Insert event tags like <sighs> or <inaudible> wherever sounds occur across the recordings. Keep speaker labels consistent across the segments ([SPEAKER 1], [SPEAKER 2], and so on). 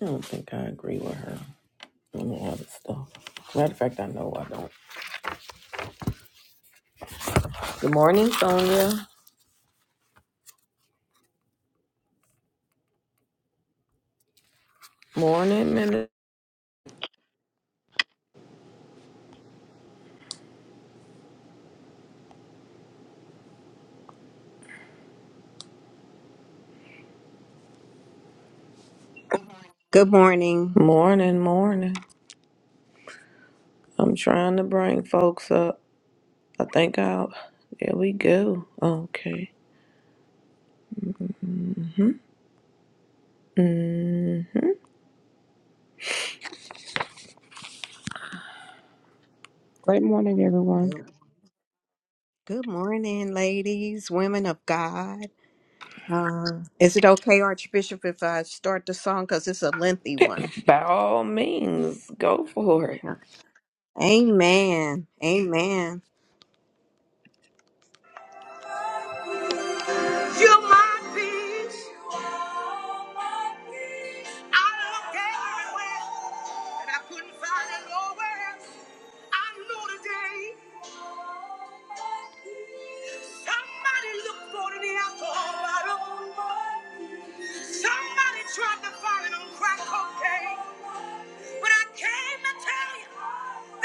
[SPEAKER 1] I don't think I agree with her on the other stuff. Matter of fact, I know I don't. Good morning, Sonia. Morning, minute.
[SPEAKER 2] Good morning.
[SPEAKER 1] Morning, morning. I'm trying to bring folks up. I think I'll. There we go. Okay. hmm
[SPEAKER 3] Great morning, everyone.
[SPEAKER 2] Good, good morning, ladies, women of God. Uh, is it okay, Archbishop, if I start the song? Because it's a lengthy one.
[SPEAKER 1] By all means, go for it.
[SPEAKER 2] Okay. Amen. Amen. You're my peace. You are my peace. I looked everywhere, and I couldn't find it nowhere. I know today somebody looked for the alcohol bottle. Somebody tried to find it on crack cocaine. But I came to tell you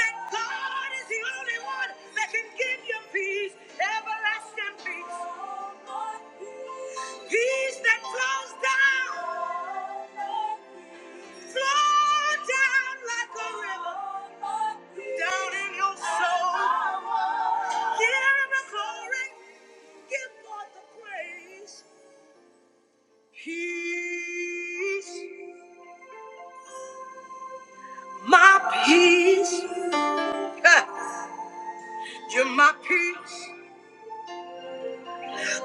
[SPEAKER 2] that God is the only one that can. Give you peace, everlasting peace. Peace that flows down, flow down like a river, down in your soul. Give him the glory, give God the praise. Peace, my peace. <laughs> You're my peace,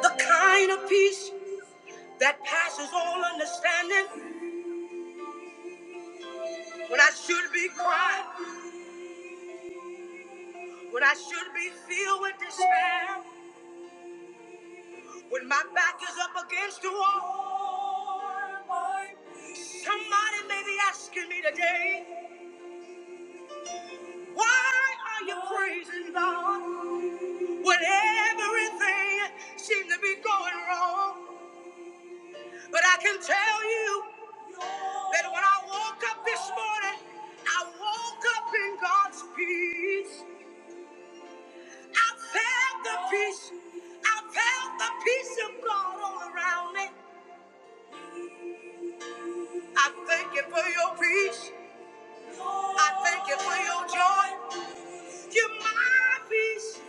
[SPEAKER 2] the kind of peace. that passes all understanding. When I should be crying, when I should be filled with despair, when my back is up against the wall. Somebody may be asking me today, why are you praising God when everything seemed to be going wrong? But I can tell you that when I woke up this morning, I woke up in God's peace. I felt the peace. I felt the peace of God all around me. I thank you for your peace. I thank you for your joy. You're my peace.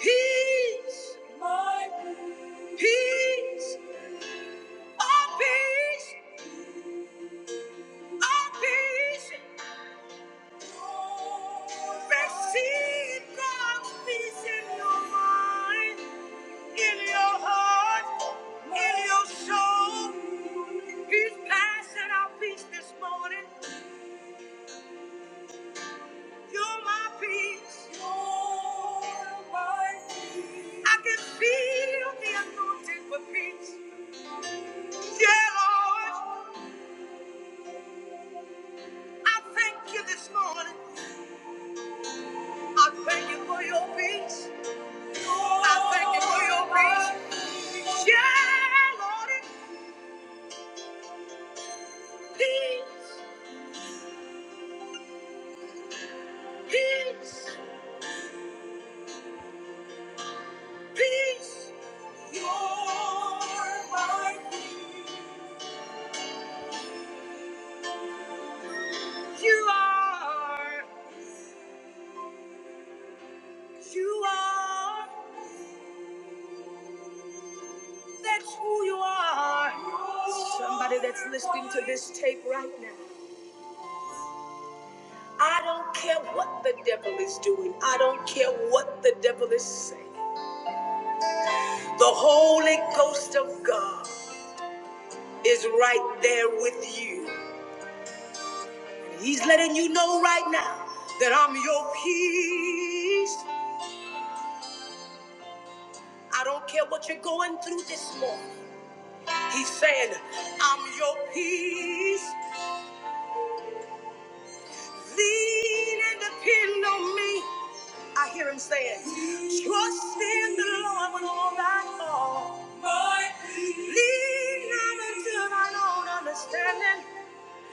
[SPEAKER 2] Peace. My peace. Peace. Oh, peace. Oh, peace. Receive God's peace in your mind. in your heart, in your soul. He's passing our peace this morning. You're my peace. You're my peace. I can feel the anointing for peace. Yeah, Lord, I thank you this morning. I thank you for your peace. I thank you for your peace. Yeah, Lord, peace, peace, peace. You're You are. That's who you are. Somebody that's listening to this tape right now. I don't care what the devil is doing. I don't care what the devil is saying. The Holy Ghost of God is right there with you. He's letting you know right now that I'm your peace. I don't care what you're going through this morning. He said, I'm your peace. Lean and depend on me. I hear him saying, Trust in the Lord with all thy heart. Right. Lean not unto thine own understanding,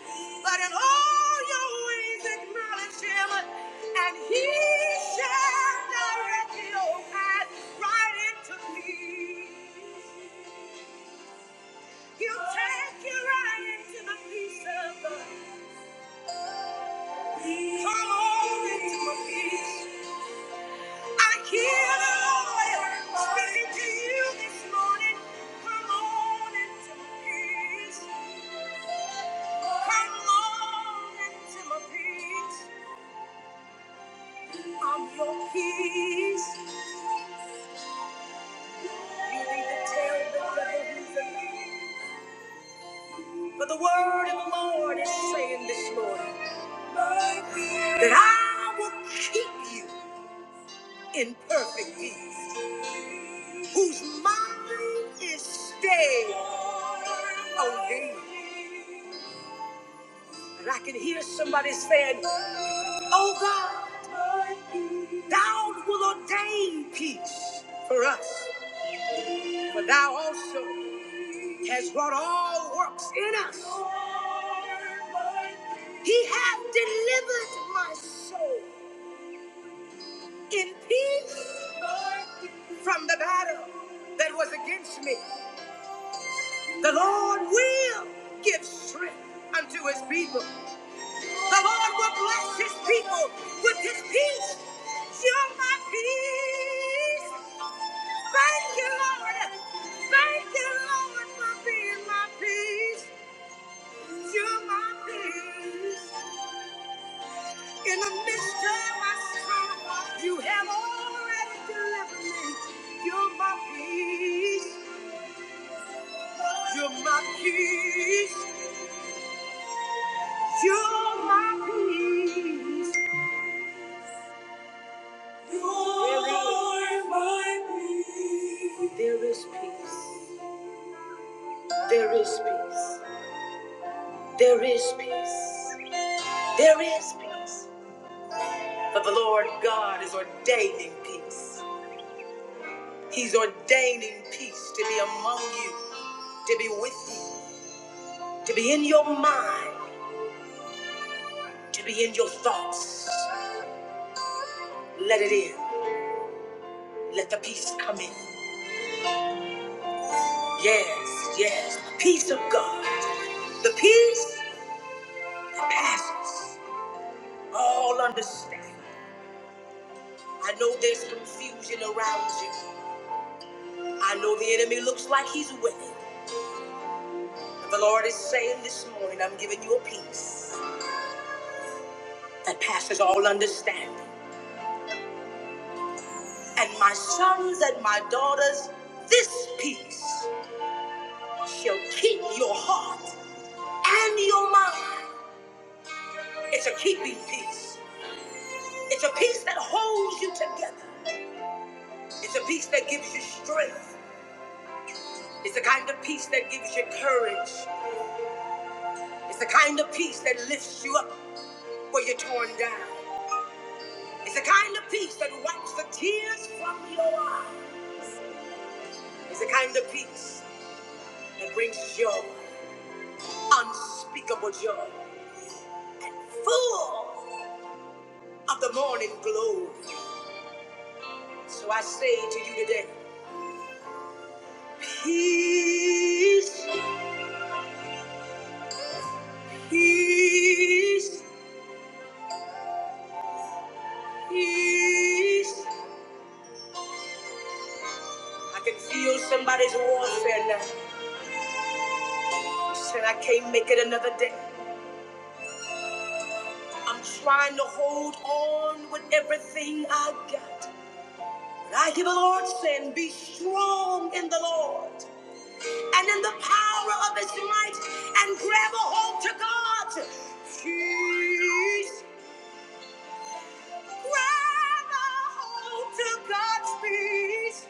[SPEAKER 2] but in all your ways acknowledge him, and he shall direct your path right into peace. He'll take you right into the peace of God. Come on into my peace. I hear the Lord speaking to you this morning. Come on into my peace. Come on into my peace. I'm your peace. You need to tell the devil he's a liar. For the word of the Lord is saying this morning that I will keep you. in perfect peace, whose mind is stayed on thee. And I can hear somebody saying, Oh God, thou will ordain peace for us, for thou also has wrought all works in us. He hath delivered my soul in peace from the battle that was against me. The Lord will give strength unto his people. The Lord will bless his people with his peace. You're my peace. Thank you, Lord. Thank you, Lord, for being my peace. You're my peace. In the midst of my storm, you have already delivered me. You're my peace. You're my peace. You're my peace. You're my peace. There is peace. There is peace. There is peace. There is peace. For the Lord God is ordaining peace. He's ordaining peace to be among you, to be with you, to be in your mind, to be in your thoughts. Let it in. Let the peace come in. Yes, yes. the Peace of God. The peace that passes all understanding. I know there's confusion around you. I know the enemy looks like he's winning. But the Lord is saying this morning, I'm giving you a peace that passes all understanding. And my sons and my daughters, this peace shall keep your heart and your mind. It's a keeping peace. It's a peace that holds you together. It's a peace that gives you strength. It's the kind of peace that gives you courage. It's the kind of peace that lifts you up where you're torn down. It's the kind of peace that wipes the tears from your eyes. It's the kind of peace that brings joy, unspeakable joy, full of the morning glory. So I say to you today, peace, peace, peace. I can feel somebody's warfare now. Said I can't make it another day. I'm trying to hold on with everything I got. But I hear the Lord saying, Be strong in the Lord and in the power of his might, and grab a hold to God. Peace. Grab a hold to God's peace.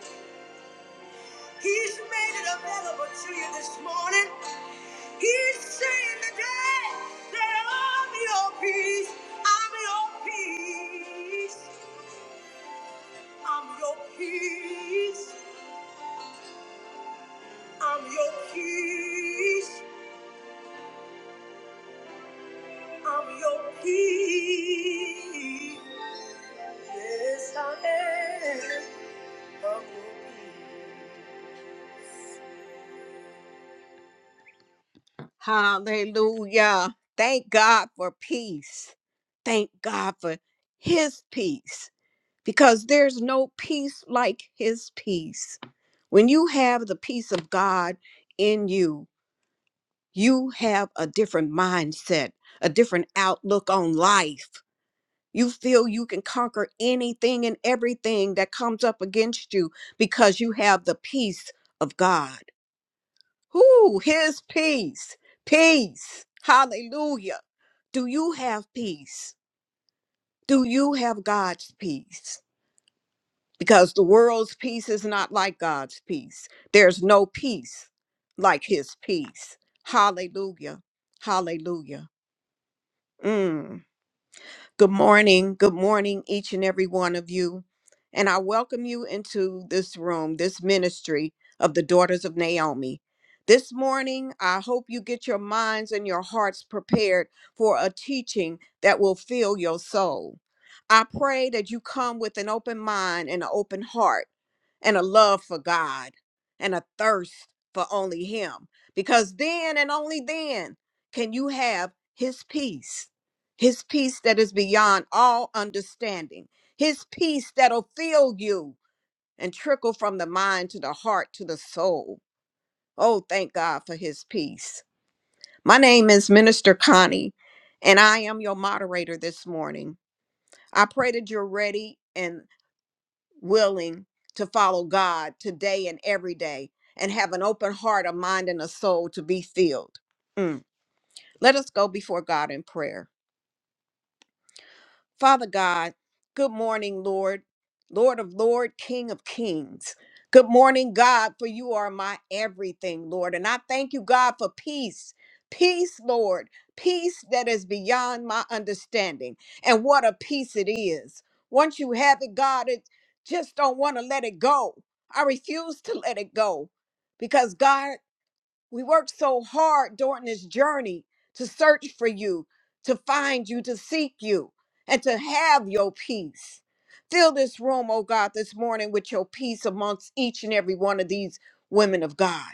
[SPEAKER 2] He's made it available to you this morning. He's saying today that I'm your peace. I'm your peace. I'm your peace. I'm your peace. I'm your peace. Yes, I am. I'm your peace. Hallelujah. Thank God for peace. Thank God for his peace. because there's no peace like his peace. When you have the peace of God in you, you have a different mindset, a different outlook on life. You feel you can conquer anything and everything that comes up against you because you have the peace of God. Who? His peace. Peace. Hallelujah. Do you have peace? Do you have God's peace? because the world's peace is not like God's peace. There's no peace like his peace. Hallelujah. Hallelujah. Mm. Good morning. Good morning, each and every one of you. And I welcome you into this room, this ministry of the daughters of Naomi. This morning, I hope you get your minds and your hearts prepared for a teaching that will fill your soul. I pray that you come with an open mind and an open heart and a love for God and a thirst for only Him. Because then and only then can you have His peace, His peace that is beyond all understanding, His peace that'll fill you and trickle from the mind to the heart to the soul. Oh, thank God for His peace. My name is Minister Connie, and I am your moderator this morning. I pray that you're ready and willing to follow God today and every day and have an open heart, a mind, and a soul to be filled. Mm. Let us go before God in prayer. Father God, good morning, Lord, Lord of Lord, King of Kings. Good morning, God, for you are my everything, Lord. And I thank you, God, for peace. Peace, Lord, peace that is beyond my understanding. And what a peace it is. Once you have it, God, it just don't want to let it go. I refuse to let it go because God. We worked so hard during this journey to search for you, to find you, to seek you, and to have your peace. Fill this room, oh God, this morning with your peace amongst each and every one of these women of God.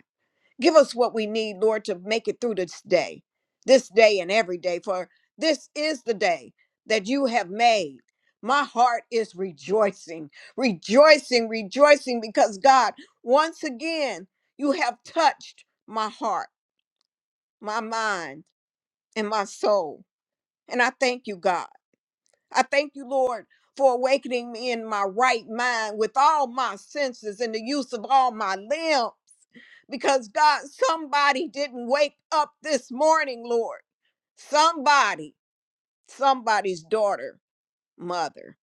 [SPEAKER 2] Give us what we need, Lord, to make it through this day, this day and every day, for this is the day that you have made. My heart is rejoicing, rejoicing, rejoicing, because God, once again, you have touched my heart, my mind, and my soul. And I thank you, God. I thank you, Lord, for awakening me in my right mind with all my senses and the use of all my limbs because God, somebody didn't wake up this morning, Lord. Somebody, somebody's daughter, mother,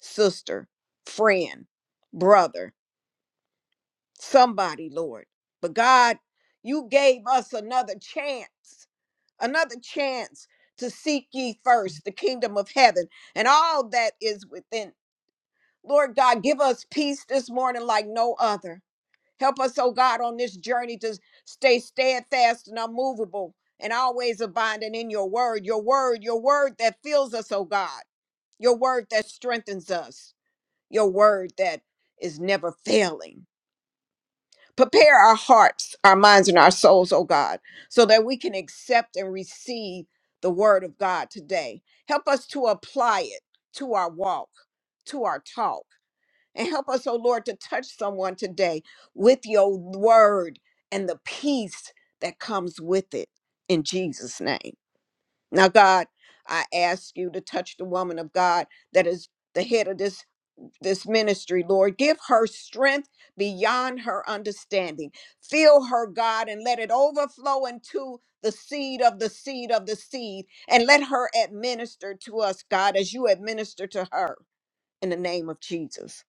[SPEAKER 2] sister, friend, brother, somebody, Lord. But God, you gave us another chance, another chance to seek ye first the kingdom of heaven and all that is within. Lord God, give us peace this morning like no other. Help us, oh God, on this journey to stay steadfast and unmovable and always abiding in your word, your word, your word that fills us, oh God, your word that strengthens us, your word that is never failing. Prepare our hearts, our minds, and our souls, oh God, so that we can accept and receive the word of God today. Help us to apply it to our walk, to our talk and help us, oh Lord, to touch someone today with your word and the peace that comes with it in Jesus' name. Now, God, I ask you to touch the woman of God that is the head of this this ministry lord give her strength beyond her understanding fill her god and let it overflow into the seed of the seed of the seed and let her administer to us god as you administer to her in the name of Jesus.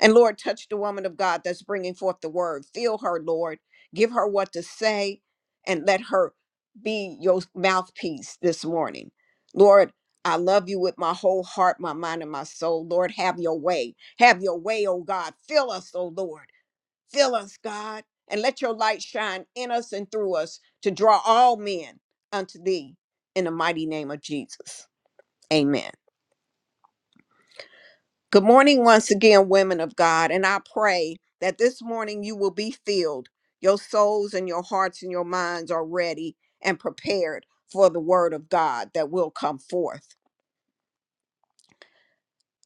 [SPEAKER 2] And Lord, touch the woman of God that's bringing forth the word. Fill her, Lord. Give her what to say and let her be your mouthpiece this morning. Lord, I love you with my whole heart, my mind, and my soul. Lord, have your way. Have your way, oh God. Fill us, oh Lord. Fill us, God. And let your light shine in us and through us to draw all men unto thee in the mighty name of Jesus. Amen. Good morning, once again, women of God. And I pray that this morning you will be filled. Your souls and your hearts and your minds are ready and prepared for the word of God that will come forth.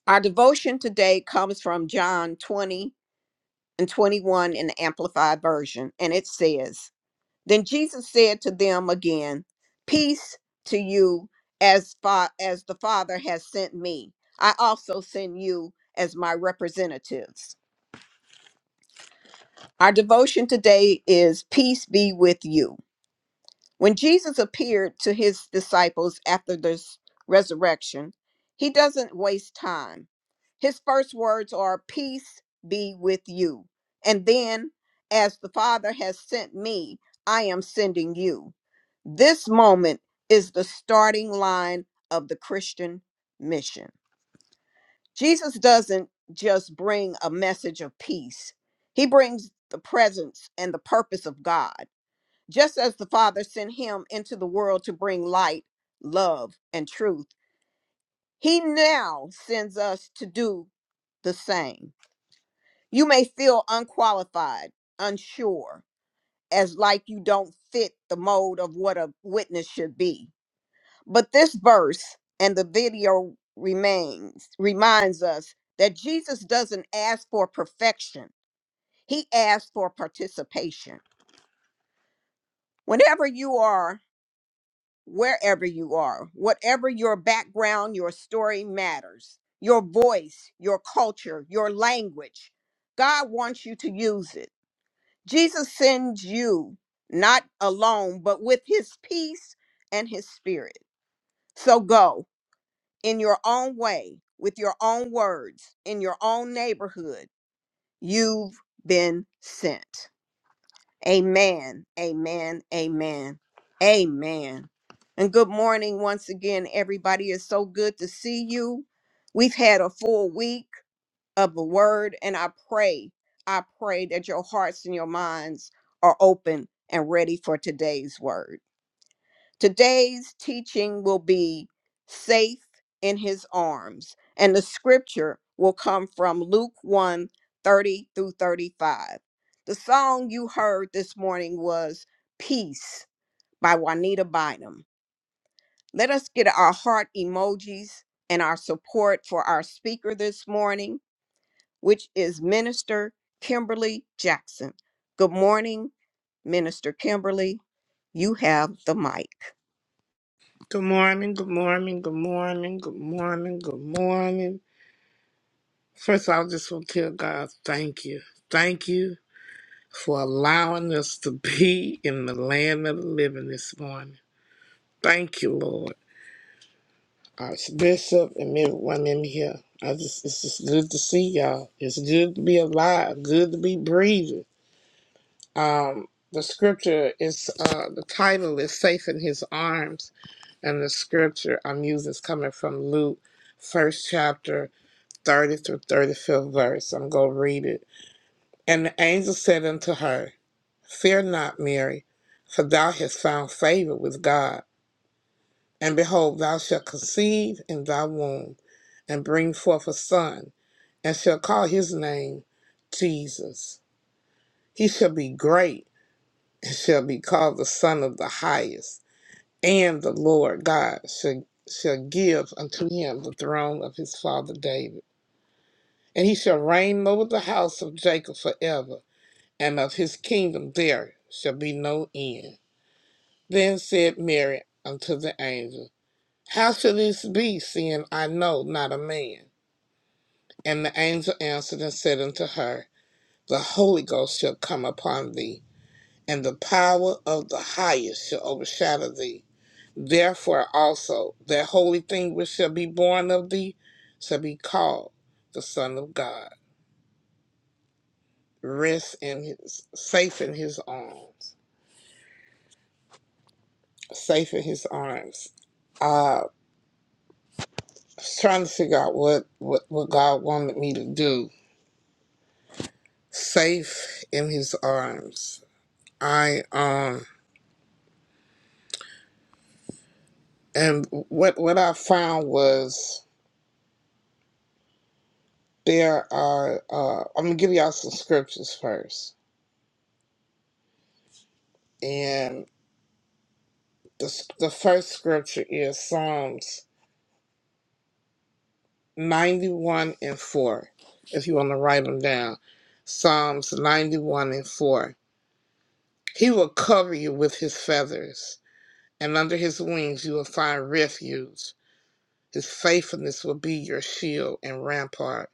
[SPEAKER 2] Our devotion today comes from John 20 and 21 in the Amplified Version. And it says, Then Jesus said to them again, 'Peace to you as, fa- as the Father has sent me. I also send you as my representatives. Our devotion today is Peace Be With You. When Jesus appeared to his disciples after this resurrection, he doesn't waste time. His first words are, Peace be with you. And then, as the Father has sent me, I am sending you. This moment is the starting line of the Christian mission. Jesus doesn't just bring a message of peace, he brings the presence and the purpose of God. Just as the Father sent him into the world to bring light, love, and truth, he now sends us to do the same. You may feel unqualified, unsure, as like you don't fit the mold of what a witness should be But this verse and the video remains reminds us that Jesus doesn't ask for perfection. He asks for participation. Whenever you are, wherever you are, whatever your background, your story matters. Your voice, your culture, your language. God wants you to use it. Jesus sends you not alone, but with his peace and his spirit. So go. in your own way, with your own words, in your own neighborhood, you've been sent. Amen. Amen. Amen. Amen. And good morning once again, everybody. It's so good to see you. We've had a full week of the word, and I pray, I pray that your hearts and your minds are open and ready for today's word. Today's teaching will be Safe in His Arms, and the scripture will come from Luke one 30 through 35. The song you heard this morning was Peace by Juanita Bynum. Let us get our heart emojis and our support for our speaker this morning, which is Minister Kimberly Jackson. Good morning, Minister Kimberly. You have the mic.
[SPEAKER 4] Good morning, good morning, good morning, good morning, good morning. First, I just want to tell God, thank you. Thank you for allowing us to <laughs> be in the land of the living this morning. Thank you, Lord. Archbishop and everyone in here. I just it's just good to see y'all. It's good to be alive, good to be breathing. Um the scripture is uh the title is Safe in His Arms and the scripture I'm using is coming from Luke first chapter 30 through 35th verse. I'm going to read it. And the angel said unto her, Fear not, Mary, for thou hast found favor with God. And behold, thou shalt conceive in thy womb, and bring forth a son, and shall call his name Jesus. He shall be great, and shall be called the Son of the Highest. And the Lord God shall, shall give unto him the throne of his father David. And he shall reign over the house of Jacob forever and of his kingdom there shall be no end. Then said Mary unto the angel, How shall this be, seeing I know not a man? And the angel answered and said unto her, The Holy Ghost shall come upon thee, and the power of the highest shall overshadow thee. Therefore also, that holy thing which shall be born of thee shall be called the Son of God. Rest in his, safe in his arms. safe in his arms. Uh, I was trying to figure out what, what, what God wanted me to do. Safe in his arms. I, um, and what, what I found was there are, uh, I'm going to give y'all some scriptures first. And the, the first scripture is Psalms 91 and 4, if you want to write them down. Psalms 91 and 4. He will cover you with his feathers and under his wings you will find refuge. His faithfulness will be your shield and rampart.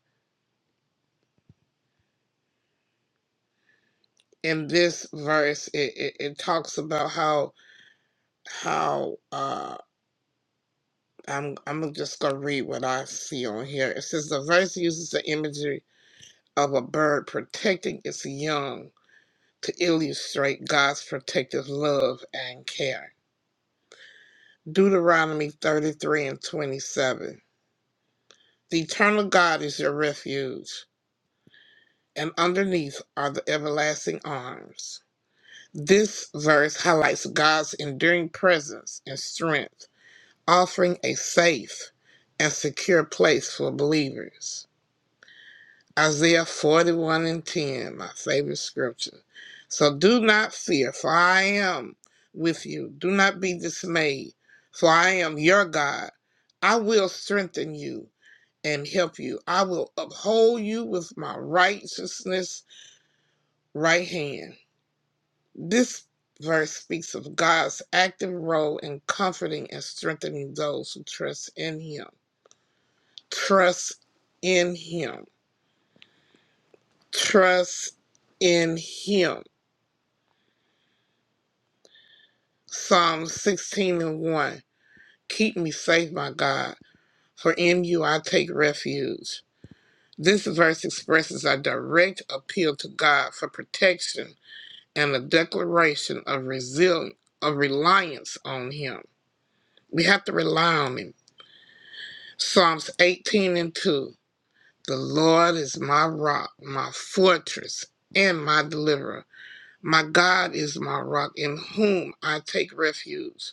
[SPEAKER 4] In this verse, it, it, it talks about how how uh, I'm I'm just gonna read what I see on here. It says the verse uses the imagery of a bird protecting its young to illustrate God's protective love and care. Deuteronomy 33 and 27. The eternal God is your refuge. and underneath are the everlasting arms. This verse highlights God's enduring presence and strength, offering a safe and secure place for believers. Isaiah 41 and 10, my favorite scripture. So do not fear, for I am with you. Do not be dismayed, for I am your God. I will strengthen you and help you. I will uphold you with my righteousness right hand. This verse speaks of God's active role in comforting and strengthening those who trust in Him. Trust in Him. Trust in Him. Psalm 16 and 1. Keep me safe, my God, for in you I take refuge. This verse expresses a direct appeal to God for protection and a declaration of resilience, of reliance on Him. We have to rely on Him Psalms 18 and 2. The Lord is my rock, my fortress, and my deliverer. My God is my rock, in whom I take refuge,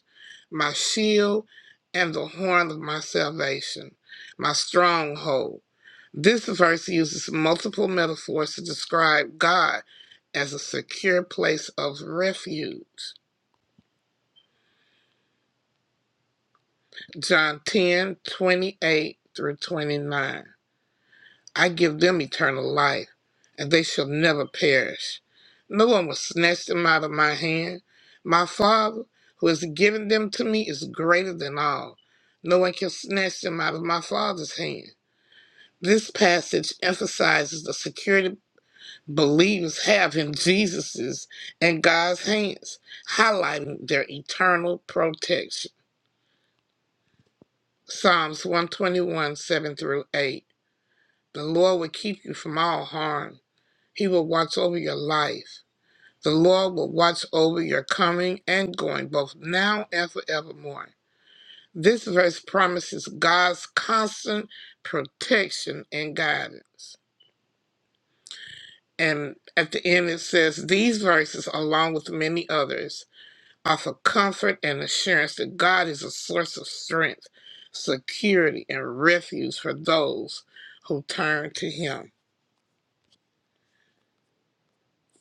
[SPEAKER 4] my shield and the horn of my salvation, my stronghold. This verse uses multiple metaphors to describe God as a secure place of refuge. John 10 28 through 29. I give them eternal life, and they shall never perish. No one will snatch them out of my hand. My Father, who has given them to me, is greater than all. No one can snatch them out of my Father's hand. This passage emphasizes the security believers have in Jesus's and God's hands, highlighting their eternal protection. Psalms 121, 7 through 8. The Lord will keep you from all harm. He will watch over your life. The Lord will watch over your coming and going, both now and forevermore. This verse promises God's constant protection and guidance. And at the end, it says these verses, along with many others, offer comfort and assurance that God is a source of strength, security, and refuge for those who turn to Him.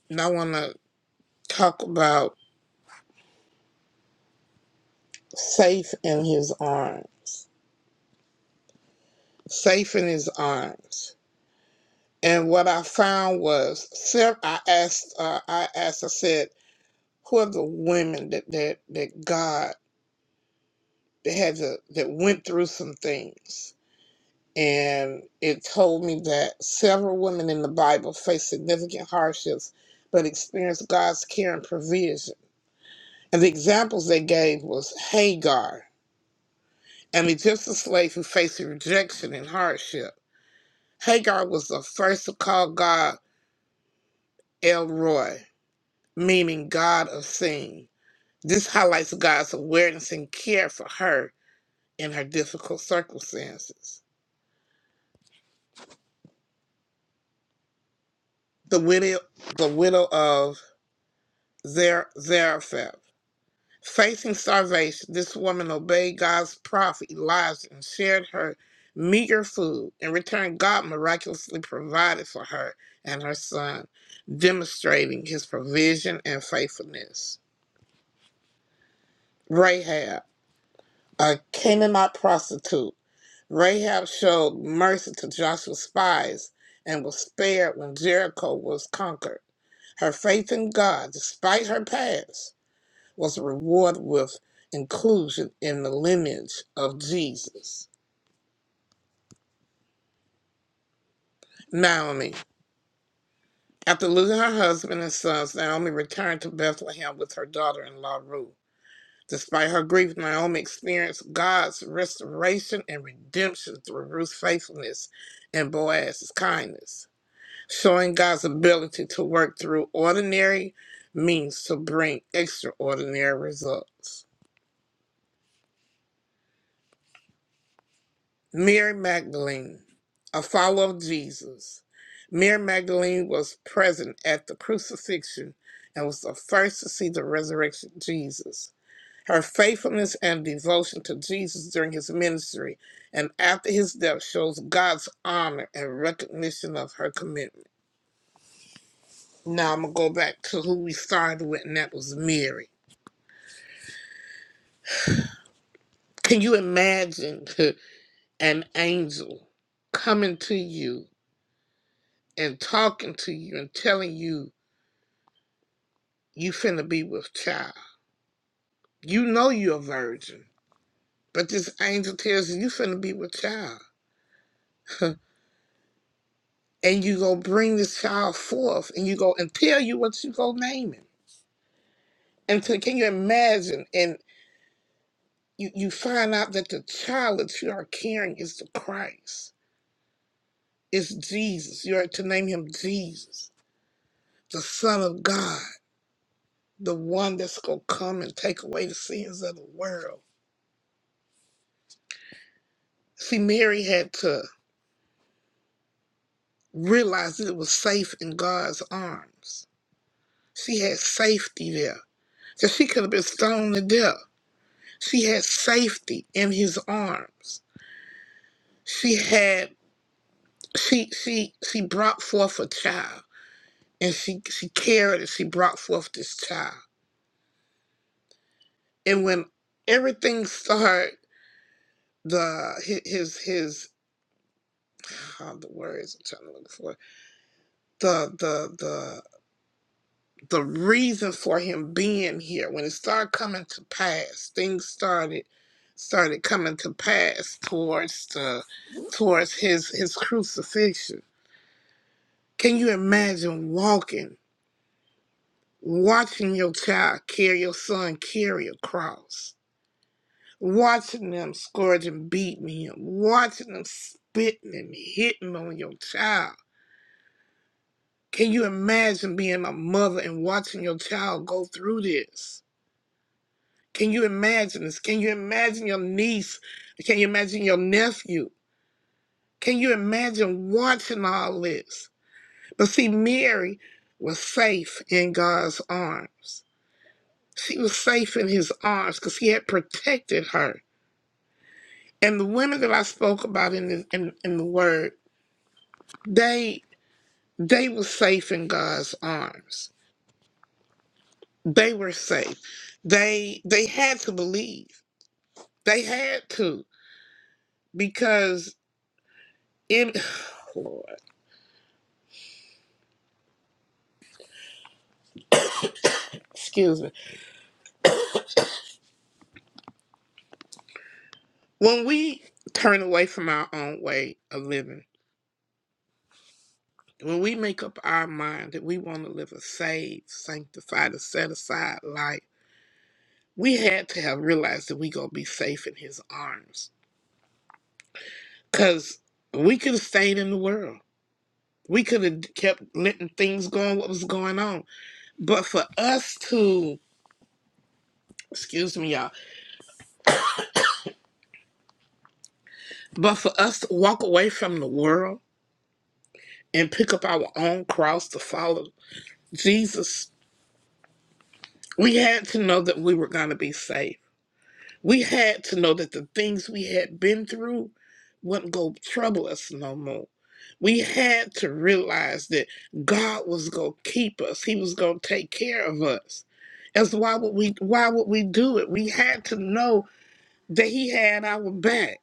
[SPEAKER 4] And I want to talk about safe in His arms. safe in his arms. And what I found was, sev- I asked, uh, I asked, I said, who are the women that that that God that had the, that went through some things? And it told me that several women in the Bible faced significant hardships, but experienced God's care and provision. And the examples they gave was Hagar, an Egyptian slave who faced rejection and hardship. Hagar was the first to call God Elroy meaning God of seeing. This highlights God's awareness and care for her in her difficult circumstances. The widow, the widow of Zer- Zarephath. Facing starvation, this woman obeyed God's prophet Elijah and shared her meager food. In return, God miraculously provided for her and her son, demonstrating his provision and faithfulness. Rahab, a Canaanite prostitute. Rahab showed mercy to Joshua's spies and was spared when Jericho was conquered. Her faith in God, despite her past, was rewarded with inclusion in the lineage of Jesus. Naomi, after losing her husband and sons, Naomi returned to Bethlehem with her daughter in law Ruth. Despite her grief, Naomi experienced God's restoration and redemption through Ruth's faithfulness and Boaz's kindness. showing God's ability to work through ordinary means to bring extraordinary results. Mary Magdalene, a follower of Jesus. Mary Magdalene was present at the crucifixion and was the first to see the resurrection of Jesus. Her faithfulness and devotion to Jesus during his ministry and after his death shows God's honor and recognition of her commitment. Now I'm going to go back to who we started with, and that was Mary. Can you imagine <laughs> an angel coming to you and talking to you and telling you you finna be with child? You know you're a virgin, but this angel tells you you finna be with child. <laughs> and you go bring this child forth and you go and tell you what you go name him. And so can you imagine? And you, you find out that the child that you are carrying is the Christ, is Jesus. You are to name him Jesus, the Son of God the one that's going to come and take away the sins of the world. See, Mary had to realize that it was safe in God's arms. She had safety there. So she could have been stoned to death. She had safety in his arms. She had she she she brought forth a child and she she carried it, she brought forth this child. And when everything started, the his his, his oh, the words I'm trying to look for the the the reason for him being here when it started coming to pass things started started coming to pass towards the towards his his crucifixion can you imagine walking watching your child carry your son carry a cross watching them scourging beating him watching them spitting and hitting on your child can you imagine being a mother and watching your child go through this Can you imagine this? Can you imagine your niece? Can you imagine your nephew? Can you imagine watching all this? But see, Mary was safe in God's arms. She was safe in his arms because he had protected her. And the women that I spoke about in the, in, in the word, they they were safe in God's arms. They were safe. They they had to believe. They had to because in <sighs> Lord, excuse me When we turn away from our own way of living, when we make up our mind that we want to live a saved, sanctified, and set aside life, we had to have realized that we gonna be safe in His arms. Cause we could have stayed in the world. We could have kept letting things go. what was going on. But for us to, excuse me, y'all, but for us to walk away from the world and pick up our own cross to follow Jesus, we had to know that we were going to be saved We had to know that the things we had been through wouldn't go trouble us no more. We had to realize that God was gonna keep us. He was gonna take care of us. As why would we why would we do it? We had to know that he had our back.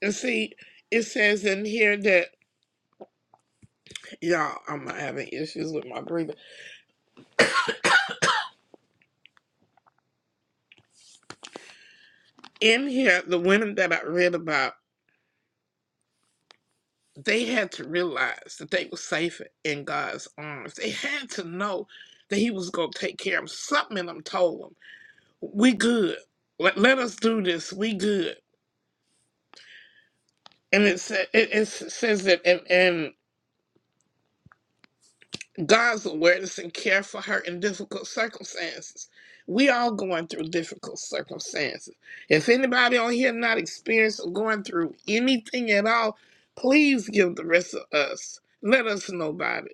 [SPEAKER 4] And see, it says in here that y'all I'm having issues with my breathing. In here, the women that I read about they had to realize that they were safe in God's arms. They had to know that He was going to take care of them. Something in them told them, "We good. Let, let us do this. We good." And it, sa- it, it s- says that in, in God's awareness and care for her in difficult circumstances. We all going through difficult circumstances. If anybody on here not experienced or going through anything at all, please give the rest of us. Let us know about it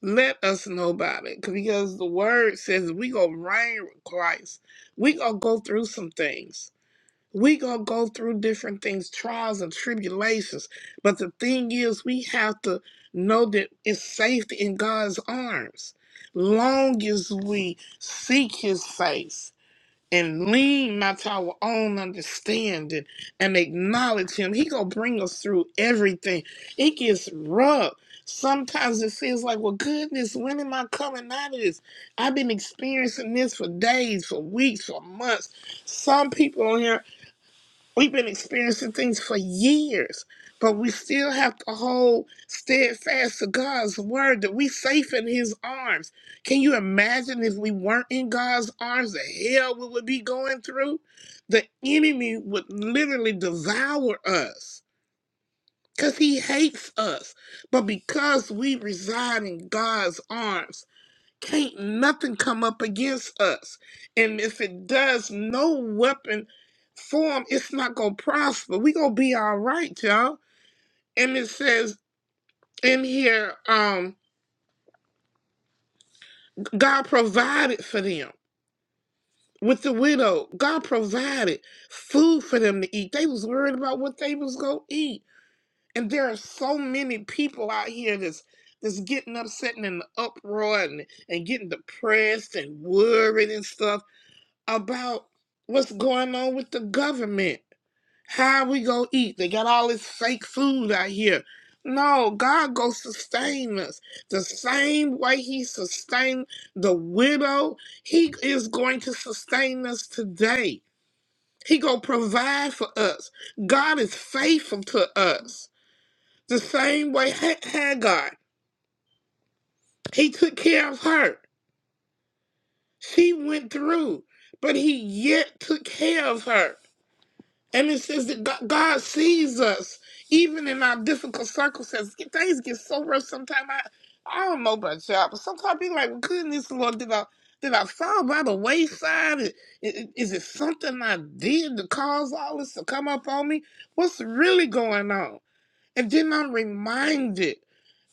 [SPEAKER 4] let us know about it 'cause- because the word says we gonna reign with Christ. We gonna go through some things. We gonna go through different things, trials and tribulations. But the thing is, we have to know that it's safe in God's arms. Long as we seek His face, and lean not to our own understanding and acknowledge him. He gonna bring us through everything. It gets rough. Sometimes it feels like, well, goodness, when am I coming out of this? I've been experiencing this for days, for weeks, for months. Some people on here We've been experiencing things for years, but we still have to hold steadfast to God's word that we safe in his arms. Can you imagine if we weren't in God's arms, the hell we would be going through? The enemy would literally devour us because he hates us. But because we reside in God's arms, can't nothing come up against us. And if it does, no weapon form, it's not gonna prosper. We gonna be all right, y'all. And it says in here, um, God provided for them. With the widow, God provided food for them to eat. They was worried about what they was gonna eat. And there are so many people out here that's that's getting upset and in the uproar and, and getting depressed and worried and stuff about what's going on with the government. How we gonna eat? They got all this fake food out here. No, God gonna sustain us the same way He sustained the widow. He is going to sustain us today. He gonna provide for us. God is faithful to us. The same way Ha- Hagar, He took care of her. She went through, but He yet took care of her. And it says that God God sees us even in our difficult circumstances. Get- Things get so rough sometimes. I, I don't know about y'all, but sometimes I be like, goodness, Lord, did I, did I fall by the wayside? Is, is it something I did to cause all this to come up on me? What's really going on? And then I'm reminded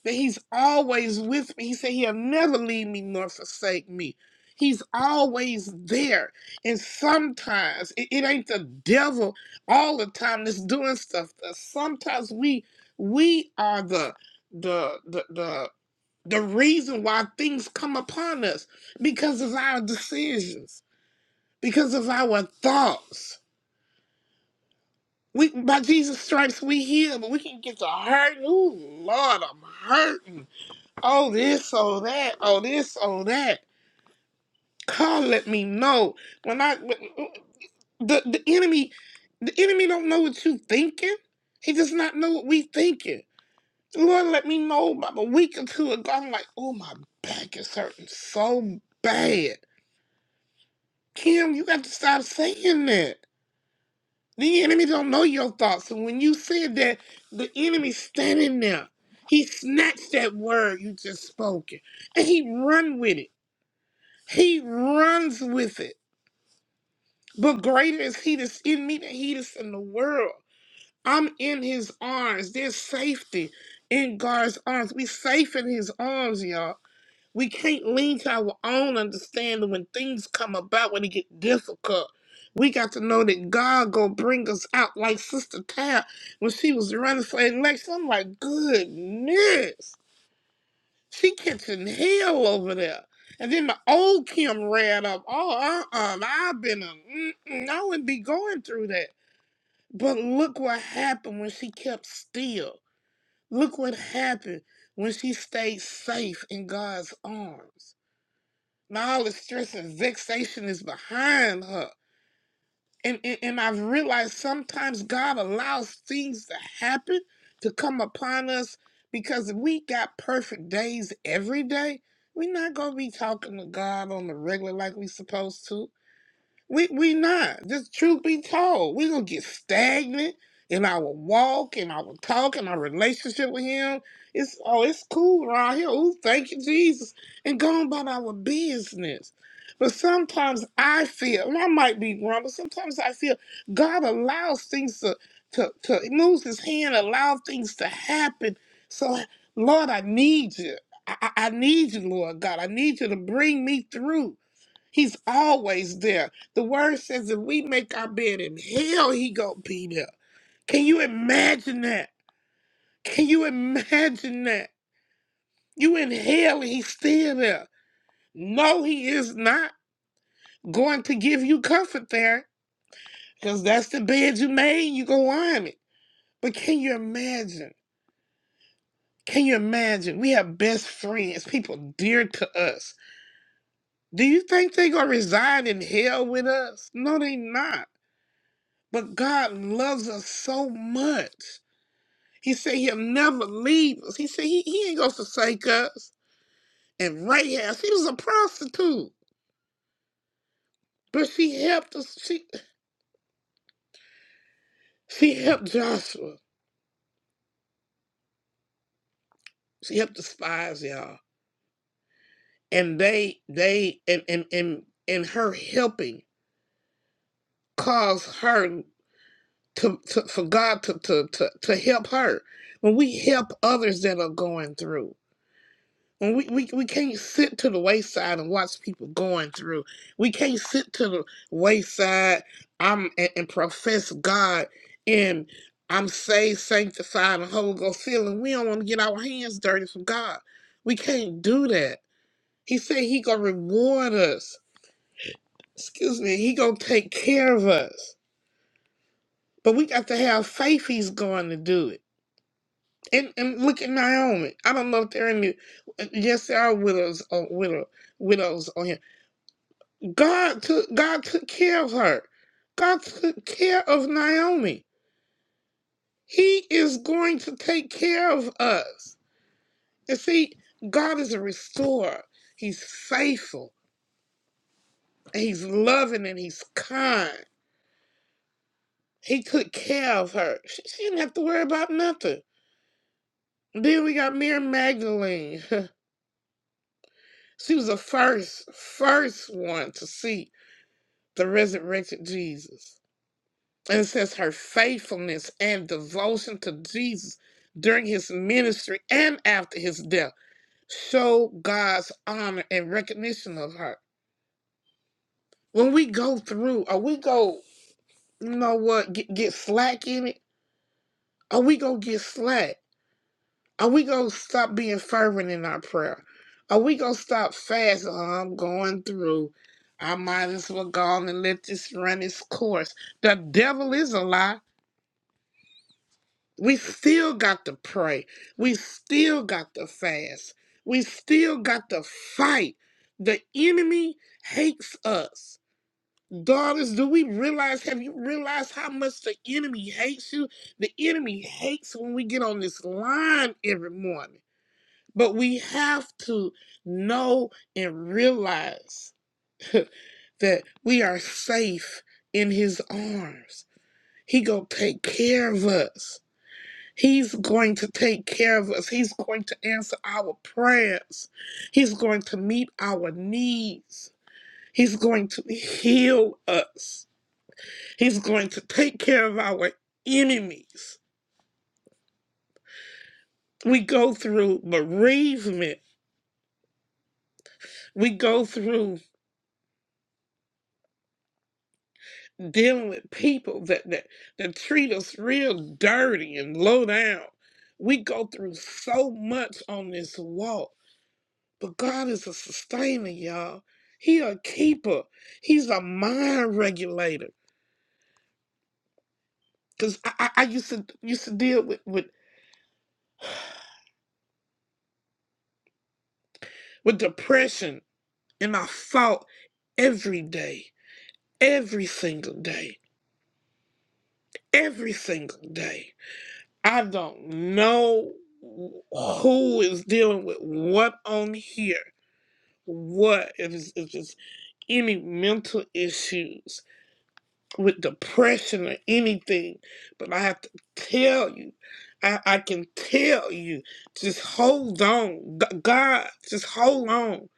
[SPEAKER 4] that he's always with me. He said he'll never leave me nor forsake me. He's always there. And sometimes it, it ain't the devil all the time that's doing stuff. to Sometimes we we are the the the the the reason why things come upon us because of our decisions, because of our thoughts. We by Jesus stripes we heal, but we can get to hurting. Oh Lord, I'm hurting oh this, oh that, oh this, oh that. God, let me know when I the the enemy, the enemy don't know what you thinking. He does not know what we thinking. Lord, let me know about a week or two ago. I'm like, oh my back is hurting so bad. Kim, you got to stop saying that. The enemy don't know your thoughts, and when you said that, the enemy's standing there. He snatched that word you just spoken, and he run with it. He runs with it. But greater is he that's in me than he that's in the world. I'm in his arms. There's safety in God's arms. We safe in his arms, y'all. We can't lean to our own understanding when things come about, when it get difficult. We got to know that God gonna bring us out like Sister Tab when she was running for election. I'm like, goodness. She catching hell over there. And then the old Kim ran up. Oh, uh, uh I've been a, mm-mm, I wouldn't be going through that. But look what happened when she kept still. Look what happened when she stayed safe in God's arms. Now all the stress and vexation is behind her and, and and I've realized sometimes God allows things to happen to come upon us because if we got perfect days every day, we're not gonna be talking to God on the regular like we supposed to. We we not. Just truth be told, we gonna get stagnant in our walk, in our talk, in our relationship with him. It's oh, it's cool around here. Ooh, thank you, Jesus. And go on about our business. But sometimes I feel, and I might be wrong, but sometimes I feel God allows things to to to he moves his hand, allow things to happen. So Lord, I need you. I, I I need you, Lord God. I need you to bring me through. He's always there. The word says if we make our bed in hell, he gonna be there. Can you imagine that? Can you imagine that? You in hell and he's still there. No, he is not going to give you comfort there. Because that's the bed you made, you go on it. But can you imagine? Can you imagine? We have best friends, people dear to us. Do you think they gonna reside in hell with us? No, they not. But God loves us so much. He said he'll never leave us. He said he, he ain't gonna forsake us. And Rahab, she was a prostitute. But she helped us. She she helped Joshua. She helped the spies, y'all. And they they and and and, and her helping caused her to, to for God to, to to to help her. When we help others that are going through. And we, we, we can't sit to the wayside and watch people going through. We can't sit to the wayside I'm, and, and profess God and I'm saved, sanctified, and Holy Ghost filled, and we don't want to get our hands dirty for God. We can't do that. He said he gonna reward us. Excuse me, he gonna take care of us. But we got to have faith he's going to do it. And, and look at Naomi. I don't know if there are any, yes, there are widows or widow, widows on here God took God took care of her. God took care of Naomi. He is going to take care of us. And see, God is a restorer. He's faithful. And he's loving and he's kind. He took care of her. She, she didn't have to worry about nothing. Then we got Mary Magdalene. <laughs> she was the first, first one to see the resurrected Jesus. And it says her faithfulness and devotion to Jesus during his ministry and after his death show God's honor and recognition of her. When we go through, or we go, you know what, get, get slack in it, or we go get slack, or we go stop being fervent in our prayer, or we go stop fasting. "Oh, I'm going through. I might as well go on and let this run its course. The devil is a lie. We still got to pray. We still got to fast. We still got to fight. The enemy hates us. Daughters, do we realize? Have you realized how much the enemy hates you? The enemy hates when we get on this line every morning. But we have to know and realize that we are safe in his arms. He gonna take care of us. He's going to take care of us. He's going to answer our prayers. He's going to meet our needs. He's going to heal us. He's going to take care of our enemies. We go through bereavement. We go through dealing with people that, that, that treat us real dirty and low down. We go through so much on this walk. But God is a sustainer, y'all. He a keeper. He's a mind regulator. Cause I, I, I used to used to deal with, with with depression and I fought every day, every single day, every single day. I don't know who is dealing with what on here. What if it's, if it's any mental issues? with depression or anything, but I have to tell you, I, I can tell you, just hold on. G- God, just hold on.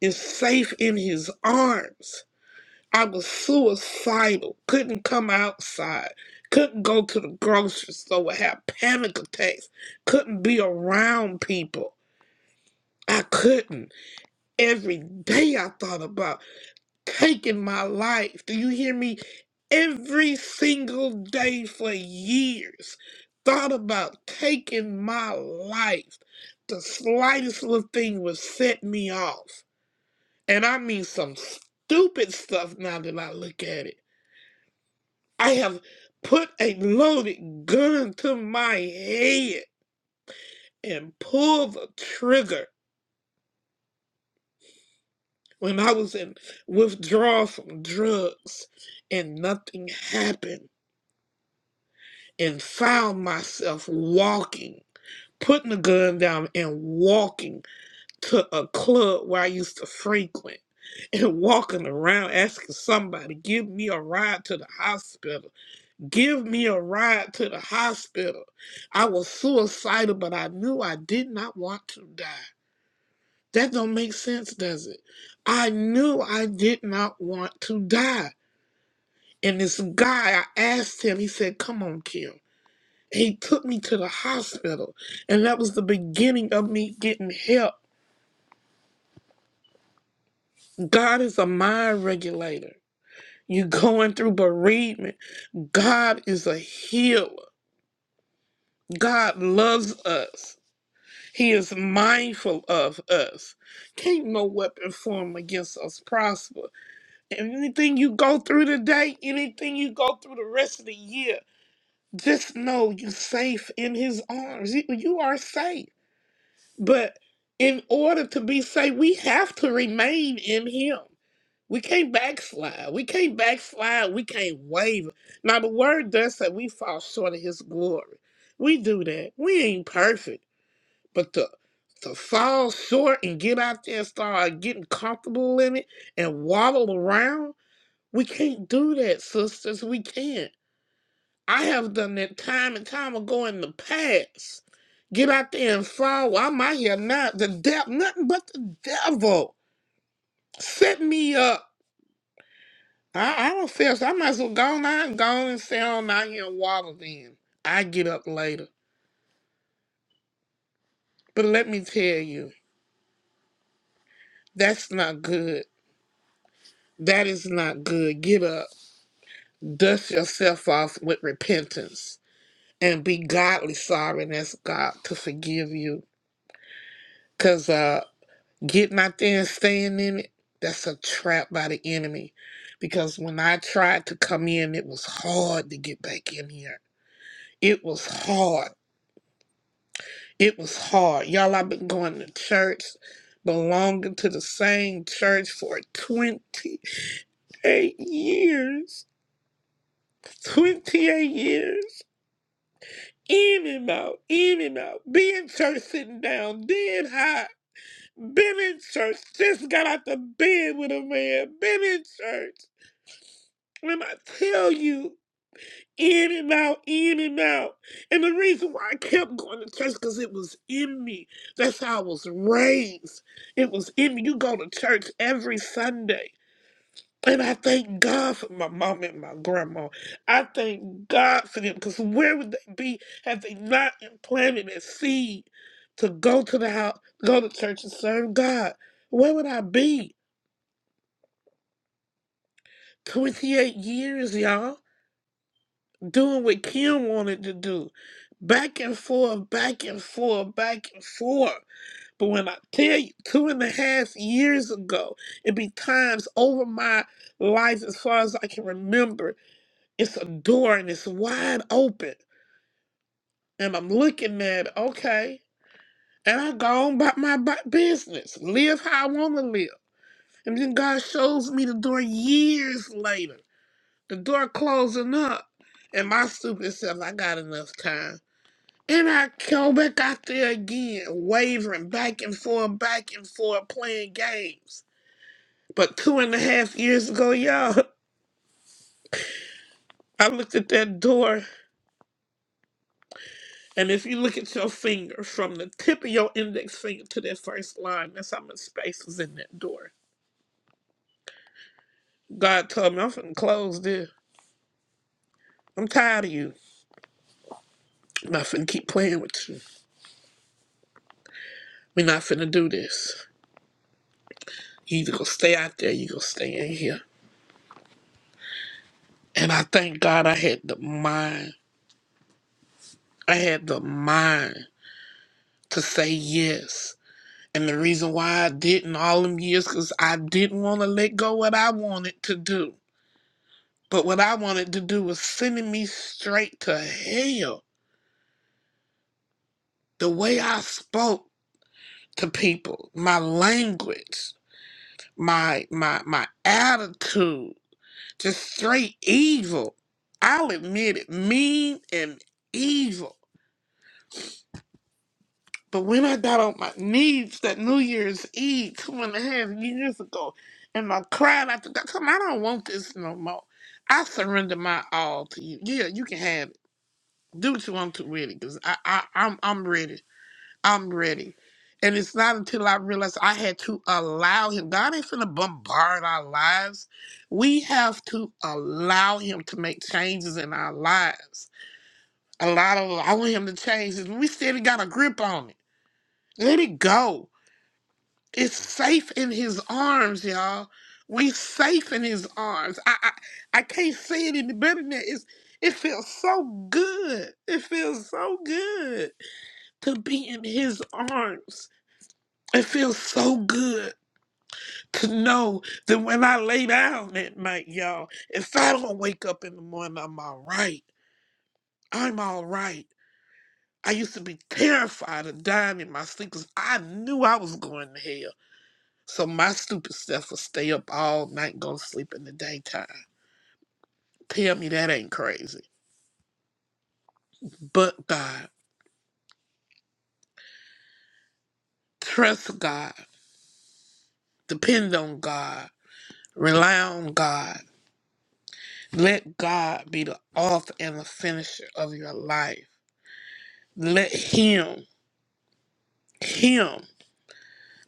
[SPEAKER 4] Is safe in his arms. I was suicidal, couldn't come outside, couldn't go to the grocery store, would have panic attacks, couldn't be around people. I couldn't. Every day I thought about taking my life. Do you hear me? Every single day for years, thought about taking my life. The slightest little thing would set me off. And I mean some stupid stuff now that I look at it. I have put a loaded gun to my head and pulled the trigger when I was in withdrawal from drugs and nothing happened and found myself walking, putting the gun down and walking to a club where I used to frequent <laughs> and walking around asking somebody, give me a ride to the hospital. Give me a ride to the hospital. I was suicidal, but I knew I did not want to die. That don't make sense, does it? I knew I did not want to die. And this guy, I asked him, he said, Come on, Kim. He took me to the hospital, and that was the beginning of me getting help. God is a mind regulator. you going through bereavement. God is a healer. God loves us. He is mindful of us. Can't no weapon form against us prosper. And anything you go through today, anything you go through the rest of the year, just know you're safe in His arms. You you are safe. But in order to be saved, we have to remain in Him. We can't backslide. We can't backslide. We can't waver. Now, the word does say we fall short of His glory. We do that. We ain't perfect. But to, to fall short and get out there and start getting comfortable in it and waddle around, we can't do that, sisters. We can't. I have done that time and time ago in the past. Get out there and fall. I'm out here now. The devil, nothing but the devil. Set me up. I, I don't feel so. I might as well go on out, go on and stay on out here and water then. I get up later. But let me tell you, that's not good. That is not good. Get up. Dust yourself off with repentance and be godly sorry and ask God to forgive you. Because uh, Getting out there and staying in it, that's a trap by the enemy. Because when I tried to come in, it was hard to get back in here. It was hard. It was hard. Y'all, I've been going to church, belonging to the same church for 28 years. 28 years. In and out, in and out. Be in church sitting down, dead high. Been in church, just got out the bed with a man. Been in church. When I tell you, in and out, in and out. And the reason why I kept going to church because it was in me. That's how I was raised. It was in me. You go to church every Sunday. And I thank God for my mom and my grandma. I thank God for them because where would they be had they not planted that seed to go to the house, go to church and serve God? Where would I be? 28 years, y'all. doing what Kim wanted to do. Back and forth, back and forth, back and forth. But when I tell you, two and a half years ago, it be times over my life as far as I can remember. It's a door and it's wide open. And I'm looking at, it, okay. And I go on about my bu- business, live how I want to live. And then God shows me the door years later, the door closing up. And my stupid self, I got enough time. And I go back out there again, wavering back and forth, back and forth, playing games. But two and a half years ago, y'all, <laughs> I looked at that door, and if you look at your finger from the tip of your index finger to that first line, that's how much space was in that door. God told me, I'm finna close this. I'm tired of you. I'm not finna keep playing with you. We're not finna do this. You either gonna stay out there, you gonna stay in here. And I thank God I had the mind. I had the mind to say yes. And the reason why I didn't all them years, because I didn't want to let go what I wanted to do. But what I wanted to do was sending me straight to hell. The way I spoke to people, my language, my my my attitude, just straight evil. I'll admit it, mean and evil. But when I got on my knees that New Year's Eve two and a half years ago, and I cried after God, come, I don't want this no more. I surrender my all to you. Yeah, you can have it. Do what you want to with it, cause I, I, I'm, I'm ready. I'm ready. And it's not until I realized I had to allow Him. God ain't finna bombard our lives. We have to allow Him to make changes in our lives. A lot of I want Him to change, and we still got a grip on it. Let it go It's safe in his arms, y'all. We safe in his arms. I, I I can't say it any better than that. It's it feels so good. It feels so good to be in his arms. It feels so good to know that when I lay down at night, y'all, if I don't wake up in the morning, I'm all right. I'm all right. I used to be terrified of dying in my sleep because I knew I was going to hell. So my stupid stuff will stay up all night and go to sleep in the daytime. Tell me that ain't crazy. But God, trust God, depend on God, rely on God. Let God be the author and the finisher of your life. Let Him, Him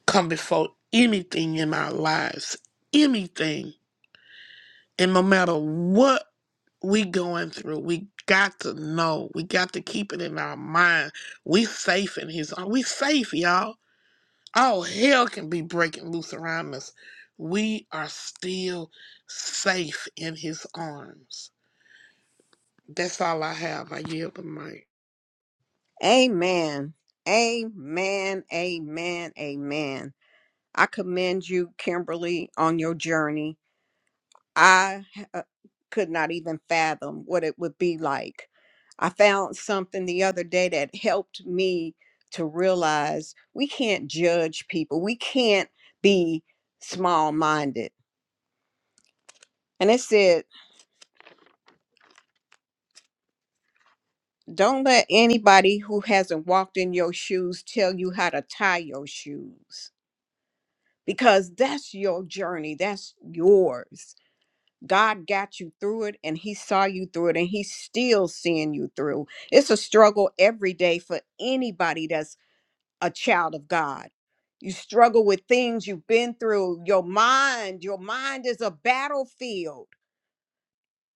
[SPEAKER 4] come before anything in our lives. Anything. And no matter what we going through, we got to know. We got to keep it in our mind. We safe in his arms. We safe, y'all. All hell can be breaking loose around us. We are still safe in his arms. That's all I have. I yield the mic.
[SPEAKER 2] Amen. Amen. Amen. Amen. I commend you, Kimberly, on your journey. I uh, could not even fathom what it would be like. I found something the other day that helped me to realize we can't judge people, we can't be small minded. And it said, don't let anybody who hasn't walked in your shoes tell you how to tie your shoes because that's your journey. That's yours. God got you through it and He saw you through it and He's still seeing you through. It's a struggle every day for anybody that's a child of God. You struggle with things you've been through. Your mind, your mind is a battlefield.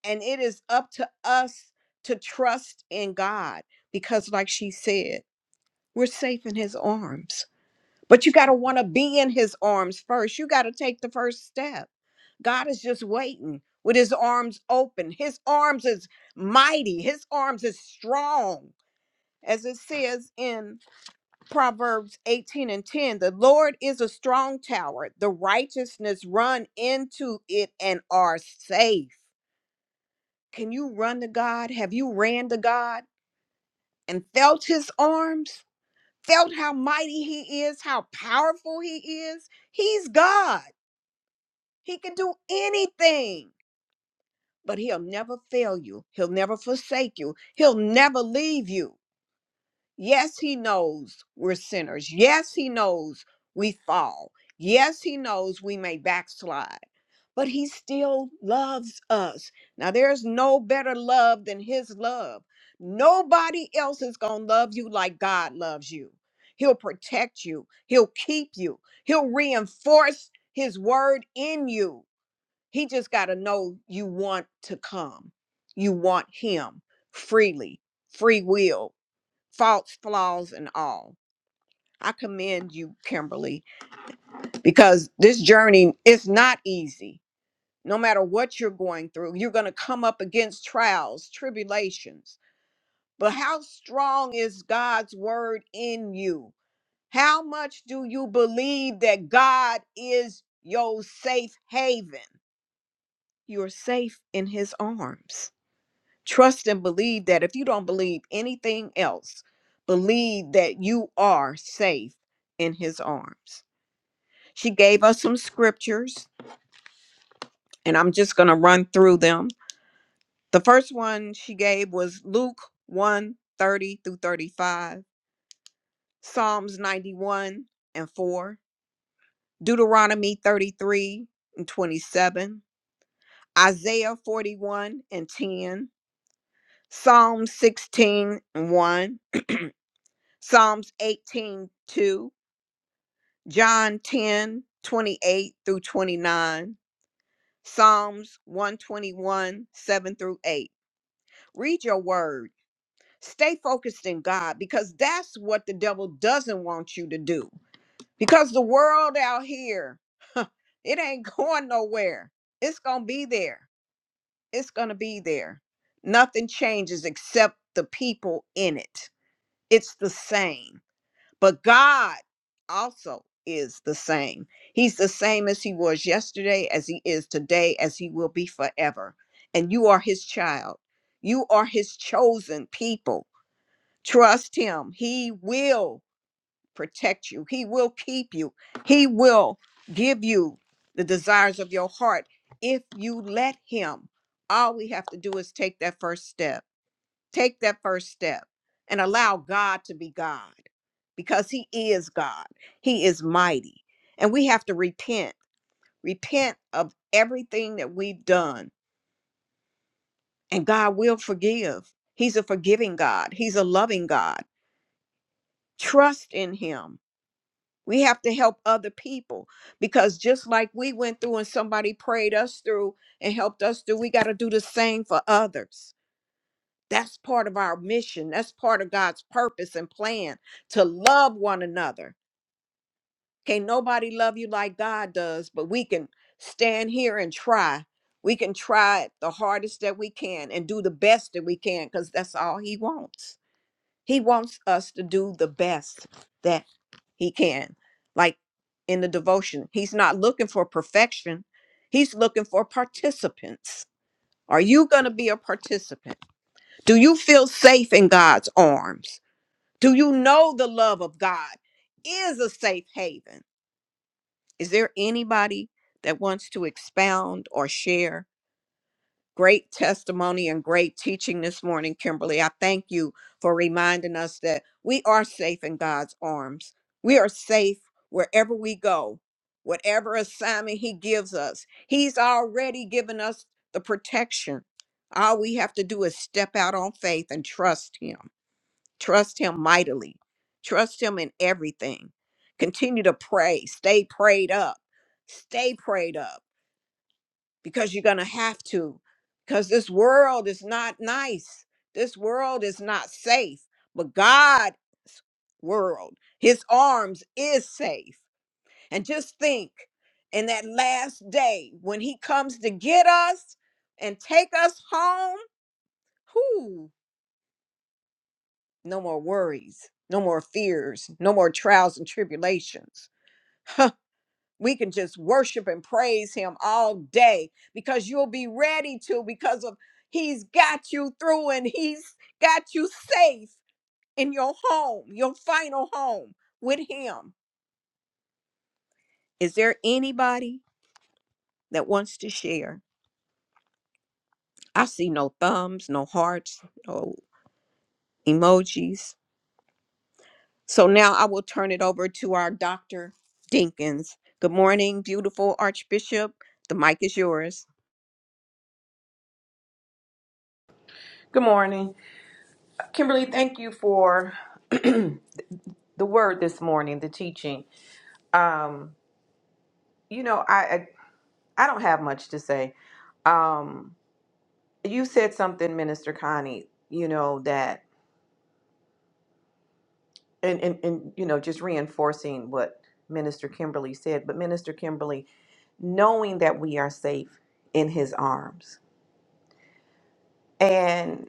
[SPEAKER 2] And it is up to us to trust in God because, like she said, we're safe in His arms but you got to want to be in his arms first. You got to take the first step. God is just waiting with his arms open. His arms is mighty, his arms is strong. As it says in Proverbs 18 and 10, the Lord is a strong tower. The righteousness run into it and are safe. Can you run to God? Have you ran to God and felt his arms? Felt how mighty he is, how powerful he is? He's God. He can do anything, but he'll never fail you. He'll never forsake you. He'll never leave you. Yes, he knows we're sinners. Yes, he knows we fall. Yes, he knows we may backslide, but he still loves us. Now, there's no better love than his love. Nobody else is going to love you like God loves you. He'll protect you, he'll keep you, he'll reinforce his word in you. He just got to know you want to come. You want him freely, free will, faults, flaws, and all. I commend you, Kimberly, because this journey is not easy. No matter what you're going through, you're going to come up against trials, tribulations. But how strong is God's word in you? How much do you believe that God is your safe haven? You're safe in his arms. Trust and believe that if you don't believe anything else, believe that you are safe in his arms. She gave us some scriptures, and I'm just going to run through them. The first one she gave was Luke one thirty through 35, Psalms 91 and 4, Deuteronomy 33 and 27, Isaiah 41 and 10, Psalm 16 and 1, Psalms 18 2. John 10 28 through 29, Psalms 121, 7 through 8. Read your word. Stay focused in God because that's what the devil doesn't want you to do. Because the world out here, <laughs> it ain't going nowhere. It's going to be there. It's going to be there. Nothing changes except the people in it. It's the same. But God also is the same. He's the same as he was yesterday, as he is today, as he will be forever. And you are his child. You are his chosen people. Trust him. He will protect you, he will keep you, he will give you the desires of your heart if you let him. All we have to do is take that first step. Take that first step and allow God to be God because he is God. He is mighty. And we have to repent, repent of everything that we've done. And God will forgive. He's a forgiving God, He's a loving God. Trust in Him. We have to help other people because just like we went through and somebody prayed us through and helped us through, we got to do the same for others. That's part of our mission. That's part of God's purpose and plan to love one another Can't nobody love you like God does, but we can stand here and try. We can try the hardest that we can and do the best that we can because that's all He wants. He wants us to do the best that He can. Like in the devotion, He's not looking for perfection, He's looking for participants. Are you going to be a participant? Do you feel safe in God's arms? Do you know the love of God is a safe haven? Is there anybody that wants to expound or share? Great testimony and great teaching this morning, Kimberly. I thank you for reminding us that we are safe in God's arms. We are safe wherever we go, whatever assignment He gives us. He's already given us the protection. All we have to do is step out on faith and trust Him. Trust Him mightily. Trust Him in everything. Continue to pray. Stay prayed up. Stay prayed up because you're going to have to, because this world is not nice. This world is not safe, but God's world, His arms is safe. And just think in that last day when He comes to get us and take us home, whoo, No more worries, no more fears, no more trials and tribulations. Huh, We can just worship and praise him all day because you'll be ready to because of he's got you through and he's got you safe in your home, your final home with him. Is there anybody that wants to share? I see no thumbs, no hearts, no emojis. So now I will turn it over to our Dr. Dinkins. Good morning, beautiful Archbishop. The mic is yours.
[SPEAKER 1] Good morning. Kimberly, thank you for <clears throat> the word this morning, the teaching. Um, you know, I, I I don't have much to say. Um, you said something minister connie you know that and, and and you know just reinforcing what minister kimberly said but minister kimberly knowing that we are safe in his arms and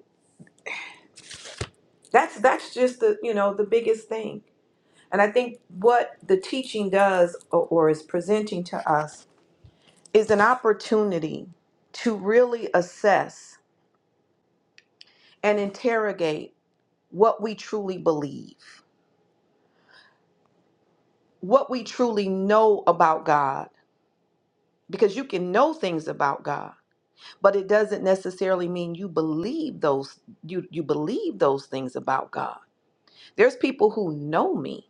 [SPEAKER 1] that's that's just the you know the biggest thing and i think what the teaching does or, or is presenting to us is an opportunity to really assess and interrogate what we truly believe what we truly know about god because you can know things about God, but it doesn't necessarily mean you believe those you you believe those things about God. There's people who know me,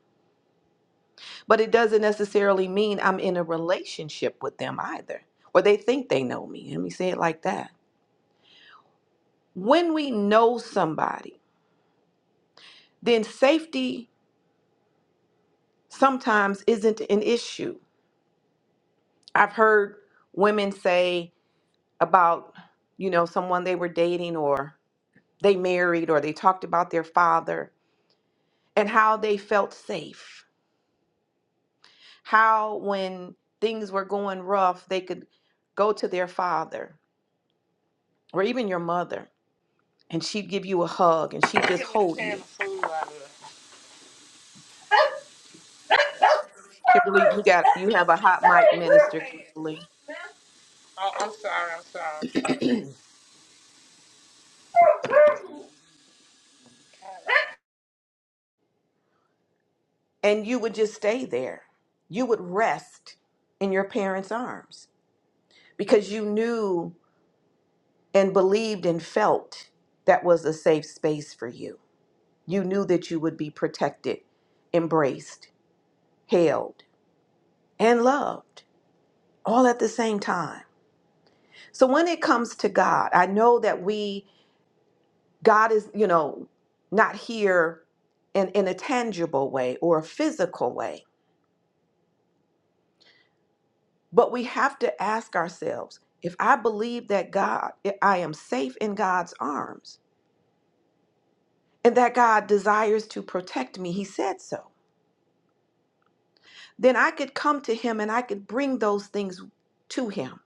[SPEAKER 1] but it doesn't necessarily mean I'm in a relationship with them either, or they think they know me. Let me say it like that. When we know somebody, then safety sometimes isn't an issue. I've heard women say about you know someone they were dating or they married or they talked about their father and how they felt safe. How, when things were going rough, they could go to their father or even your mother, and she'd give you a hug and she'd just
[SPEAKER 4] of
[SPEAKER 1] hold
[SPEAKER 4] of
[SPEAKER 1] you.
[SPEAKER 4] food out of it.
[SPEAKER 1] Kimberly, you got you have a hot mic minister, Kimberly.
[SPEAKER 4] Oh, I'm I'm sorry. I'm sorry.
[SPEAKER 1] And you would just stay there. You would rest in your parents' arms because you knew and believed and felt that was a safe space for you. You knew that you would be protected, embraced, held, and loved. all at the same time. So when it comes to God, I know that we, God is, you know, not here in, in a tangible way or a physical way, but we have to ask ourselves if I believe that God, if I am safe in God's arms and that God desires to protect me, He said so, then I could come to Him and I could bring those things to Him.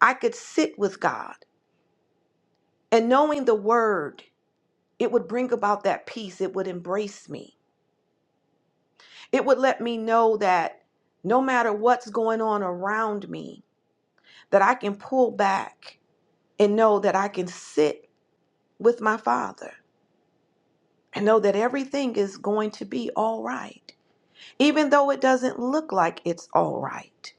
[SPEAKER 1] I could sit with God and knowing the Word, it would bring about that peace, it would embrace me It would let me know that no matter what's going on around me, that I can pull back and know that I can sit with my Father and know that everything is going to be all right, even though it doesn't look like it's all right,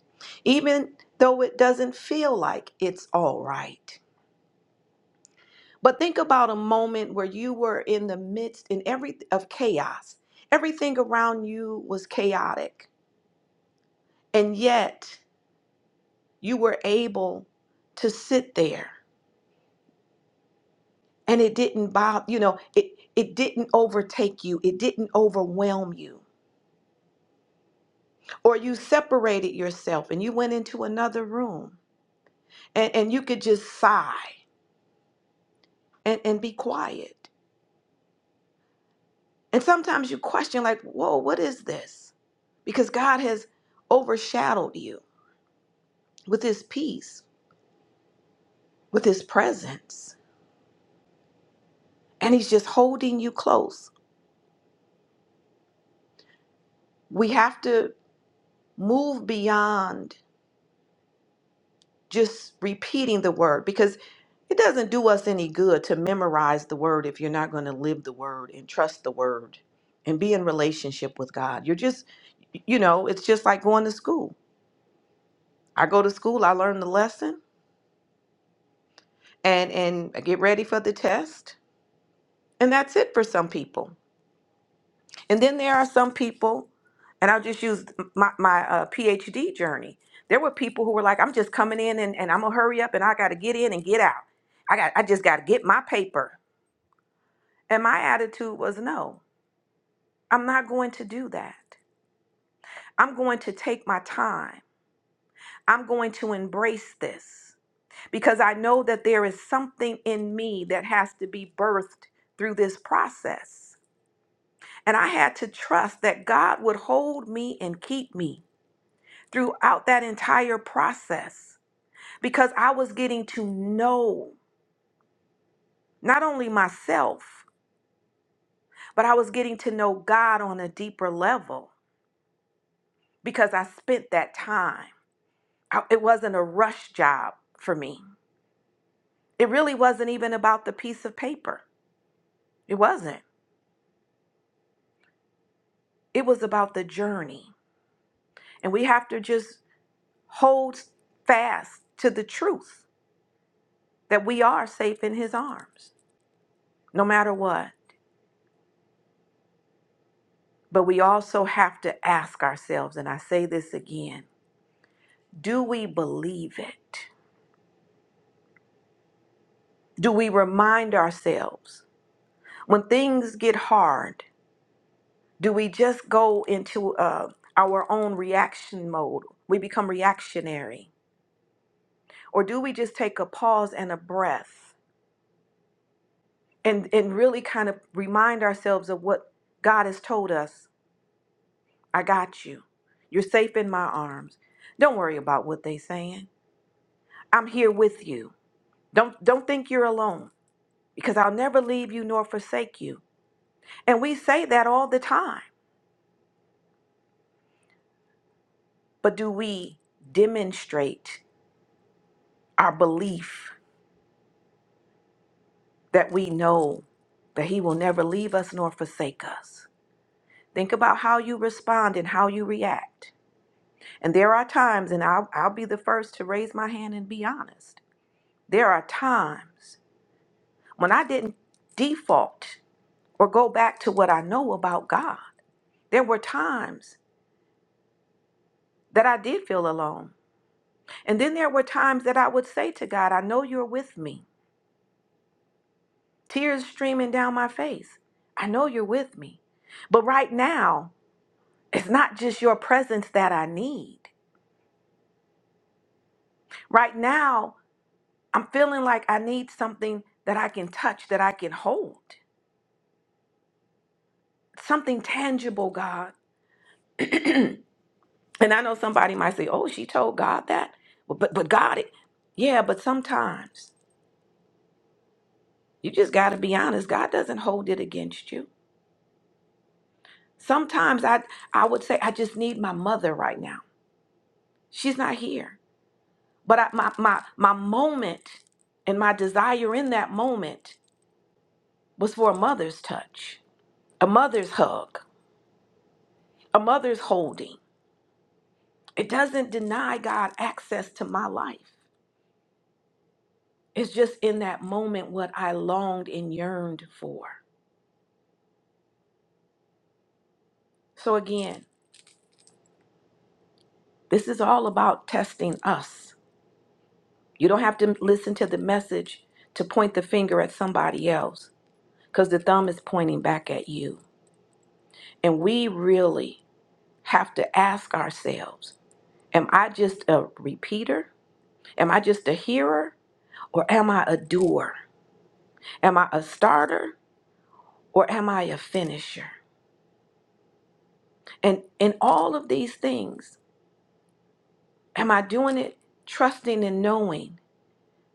[SPEAKER 1] even though it doesn't feel like it's all right. But think about a moment where you were in the midst in every of chaos. Everything around you was chaotic. And yet, you were able to sit there and it didn't bother you know it it didn't overtake you it didn't overwhelm you or you separated yourself and you went into another room and, and you could just sigh and, and be quiet and sometimes you question like whoa what is this because god has overshadowed you with his peace with his presence and he's just holding you close we have to move beyond just repeating the word because it doesn't do us any good to memorize the word if you're not going to live the word and trust the word and be in relationship with God. You're just you know, it's just like going to school. I go to school, I learn the lesson and and I get ready for the test. And that's it for some people. And then there are some people and I'll just use my, my uh, PhD journey. There were people who were like, I'm just coming in and, and I'm gonna hurry up and I gotta get in and get out. I got I just gotta get my paper. And my attitude was no, I'm not going to do that. I'm going to take my time. I'm going to embrace this because I know that there is something in me that has to be birthed through this process. And I had to trust that God would hold me and keep me throughout that entire process because I was getting to know not only myself, but I was getting to know God on a deeper level because I spent that time. I- it wasn't a rush job for me. It really wasn't even about the piece of paper. It wasn't. It was about the journey. And we have to just hold fast to the truth that we are safe in his arms, no matter what. But we also have to ask ourselves, and I say this again do we believe it? Do we remind ourselves when things get hard? do we just go into uh, our own reaction mode? We become reactionary. Or do we just take a pause and a breath and, and really kind of remind ourselves of what God has told us? I got you. You're safe in my arms. Don't worry about what they are saying. I'm here with you. Don't don't think you're alone because I'll never leave you nor forsake you. And we say that all the time. But do we demonstrate our belief that we know that He will never leave us nor forsake us. Think about how you respond and how you react. And there are times, and I'll, I'll be the first to raise my hand and be honest. There are times when I didn't default or go back to what I know about God. There were times that I did feel alone. And then there were times that I would say to God, I know you're with me. Tears streaming down my face. I know you're with me. But right now, it's not just your presence that I need. Right now, I'm feeling like I need something that I can touch, that I can hold, something tangible, God. And I know somebody might say, oh, she told God that. But, but, but God, it. Yeah, but sometimes you just got to be honest. God doesn't hold it against you. Sometimes I, I would say, I just need my mother right now. She's not here. But I, my, my, my moment and my desire in that moment was for a mother's touch. a mother's hug, a mother's holding. It doesn't deny God access to my life. It's just in that moment what I longed and yearned for. So, again, this is all about testing us. You don't have to listen to the message to point the finger at somebody else because the thumb is pointing back at you. And we really have to ask ourselves Am I just a repeater? Am I just a hearer? Or am I a doer? Am I a starter or am I a finisher? And in all of these things, am I doing it trusting and knowing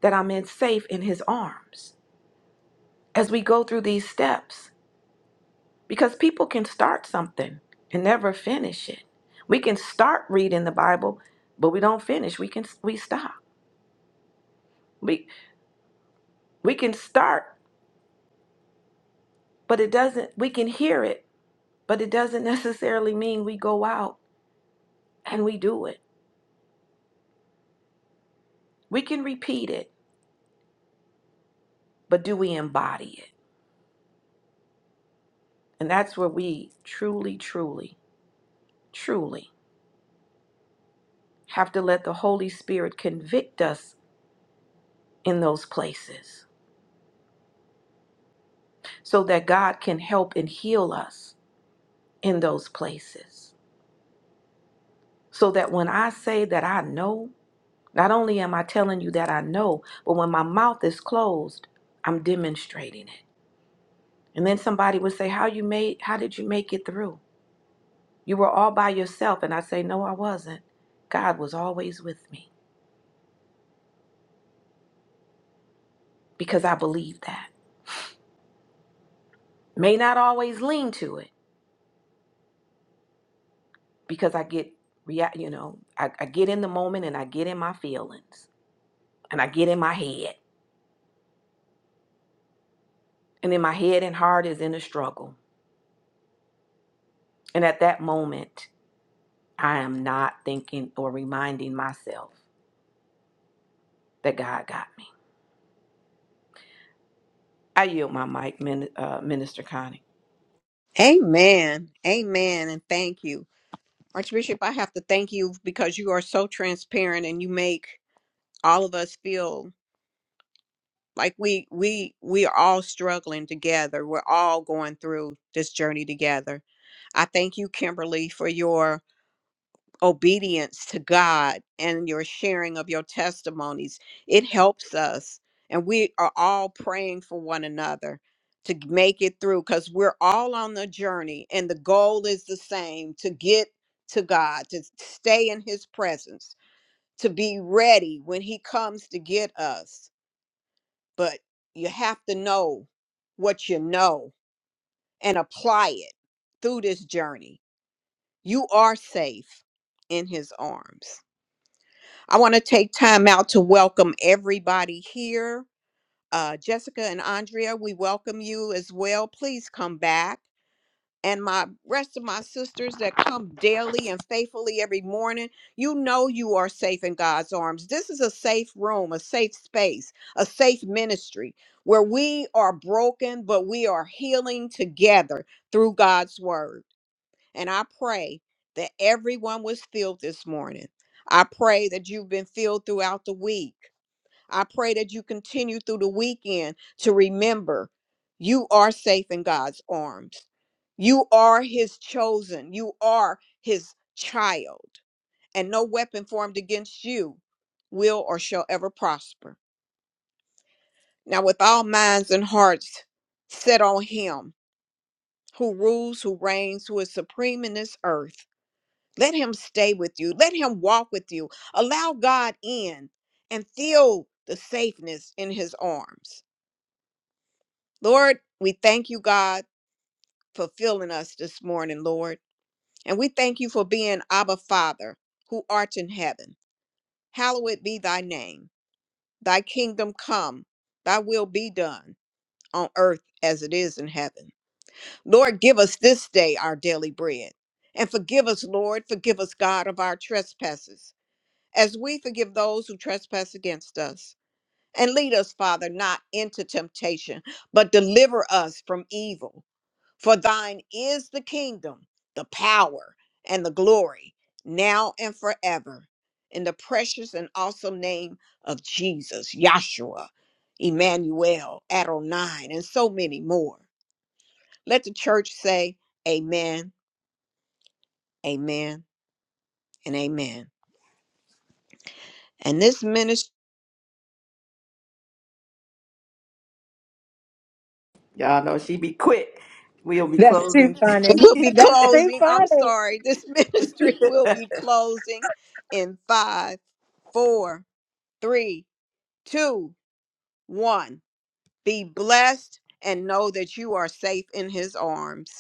[SPEAKER 1] that I'm in safe in his arms as we go through these steps? Because people can start something and never finish it. We can start reading the Bible, but we don't finish. We can we stop. We we can start, but it doesn't we can hear it, but it doesn't <laughs> necessarily mean we go out and we do it. We can repeat it, but do we embody it? And that's where we truly, truly, truly have to let the Holy Spirit convict us in those places so that God can help and heal us in those places. So that when I say that I know, not only am I telling you that I know, but when my mouth is closed, I'm demonstrating it. And then somebody would say, "How you made how did you make it through? You were all by yourself." And I say, "No, I wasn't. God was always with me because I believe that." may not always lean to it because I get react you know I, I get in the moment and I get in my feelings and I get in my head and then my head and heart is in a struggle and at that moment I am not thinking or reminding myself that God got me. I yield my mic, Min, uh, Minister Connie.
[SPEAKER 2] Amen. Amen. And thank you. Archbishop, I have to thank you because you are so transparent and you make all of us feel like we we we are all struggling together. We're all going through this journey together. I thank you, Kimberly, for your obedience to God and your sharing of your testimonies. It helps us. And we are all praying for one another to g- make it through because we're all on the journey and the goal is the same to get to God, to stay in His presence, to be ready when He comes to get us. But you have to know what you know and apply it through this journey. You are safe in His arms. I want to take time out to welcome everybody here. Uh, Jessica and Andrea, we welcome you as well. Please come back. And my rest of my sisters that come daily and faithfully every morning, you know you are safe in God's arms. This is a safe room, a safe space, a safe ministry where we are broken, but we are healing together through God's word. And I pray that everyone was filled this morning. I pray that you've been filled throughout the week. I pray that you continue through the weekend to remember you are safe in God's arms. You are his chosen. You are his child. And no weapon formed against you will or shall ever prosper. Now, with all minds and hearts set on him who rules, who reigns, who is supreme in this earth Let him stay with you. Let him walk with you. Allow God in and feel the safeness in his arms. Lord, we thank you, God, for filling us this morning, Lord. And we thank you for being Abba Father, who art in heaven. Hallowed be thy name. Thy kingdom come, thy will be done on earth as it is in heaven. Lord, give us this day our daily bread. And forgive us, Lord, forgive us, God, of our trespasses as we forgive those who trespass against us. And lead us, Father, not into temptation, but deliver us from evil. For thine is the kingdom, the power, and the glory, now and forever. In the precious and awesome name of Jesus, Yahshua, Emmanuel, Adonai, and so many more. Let the church say, Amen, Amen, and Amen. And this ministry.
[SPEAKER 1] Y'all know she be quick. We'll be
[SPEAKER 5] That's too
[SPEAKER 1] closing.
[SPEAKER 5] funny.
[SPEAKER 2] will be
[SPEAKER 1] <laughs>
[SPEAKER 5] That's too
[SPEAKER 2] closing. I'm
[SPEAKER 5] funny.
[SPEAKER 2] sorry. This <laughs> ministry will be closing in five, four, three, two, one. Be blessed and know that you are safe in his arms.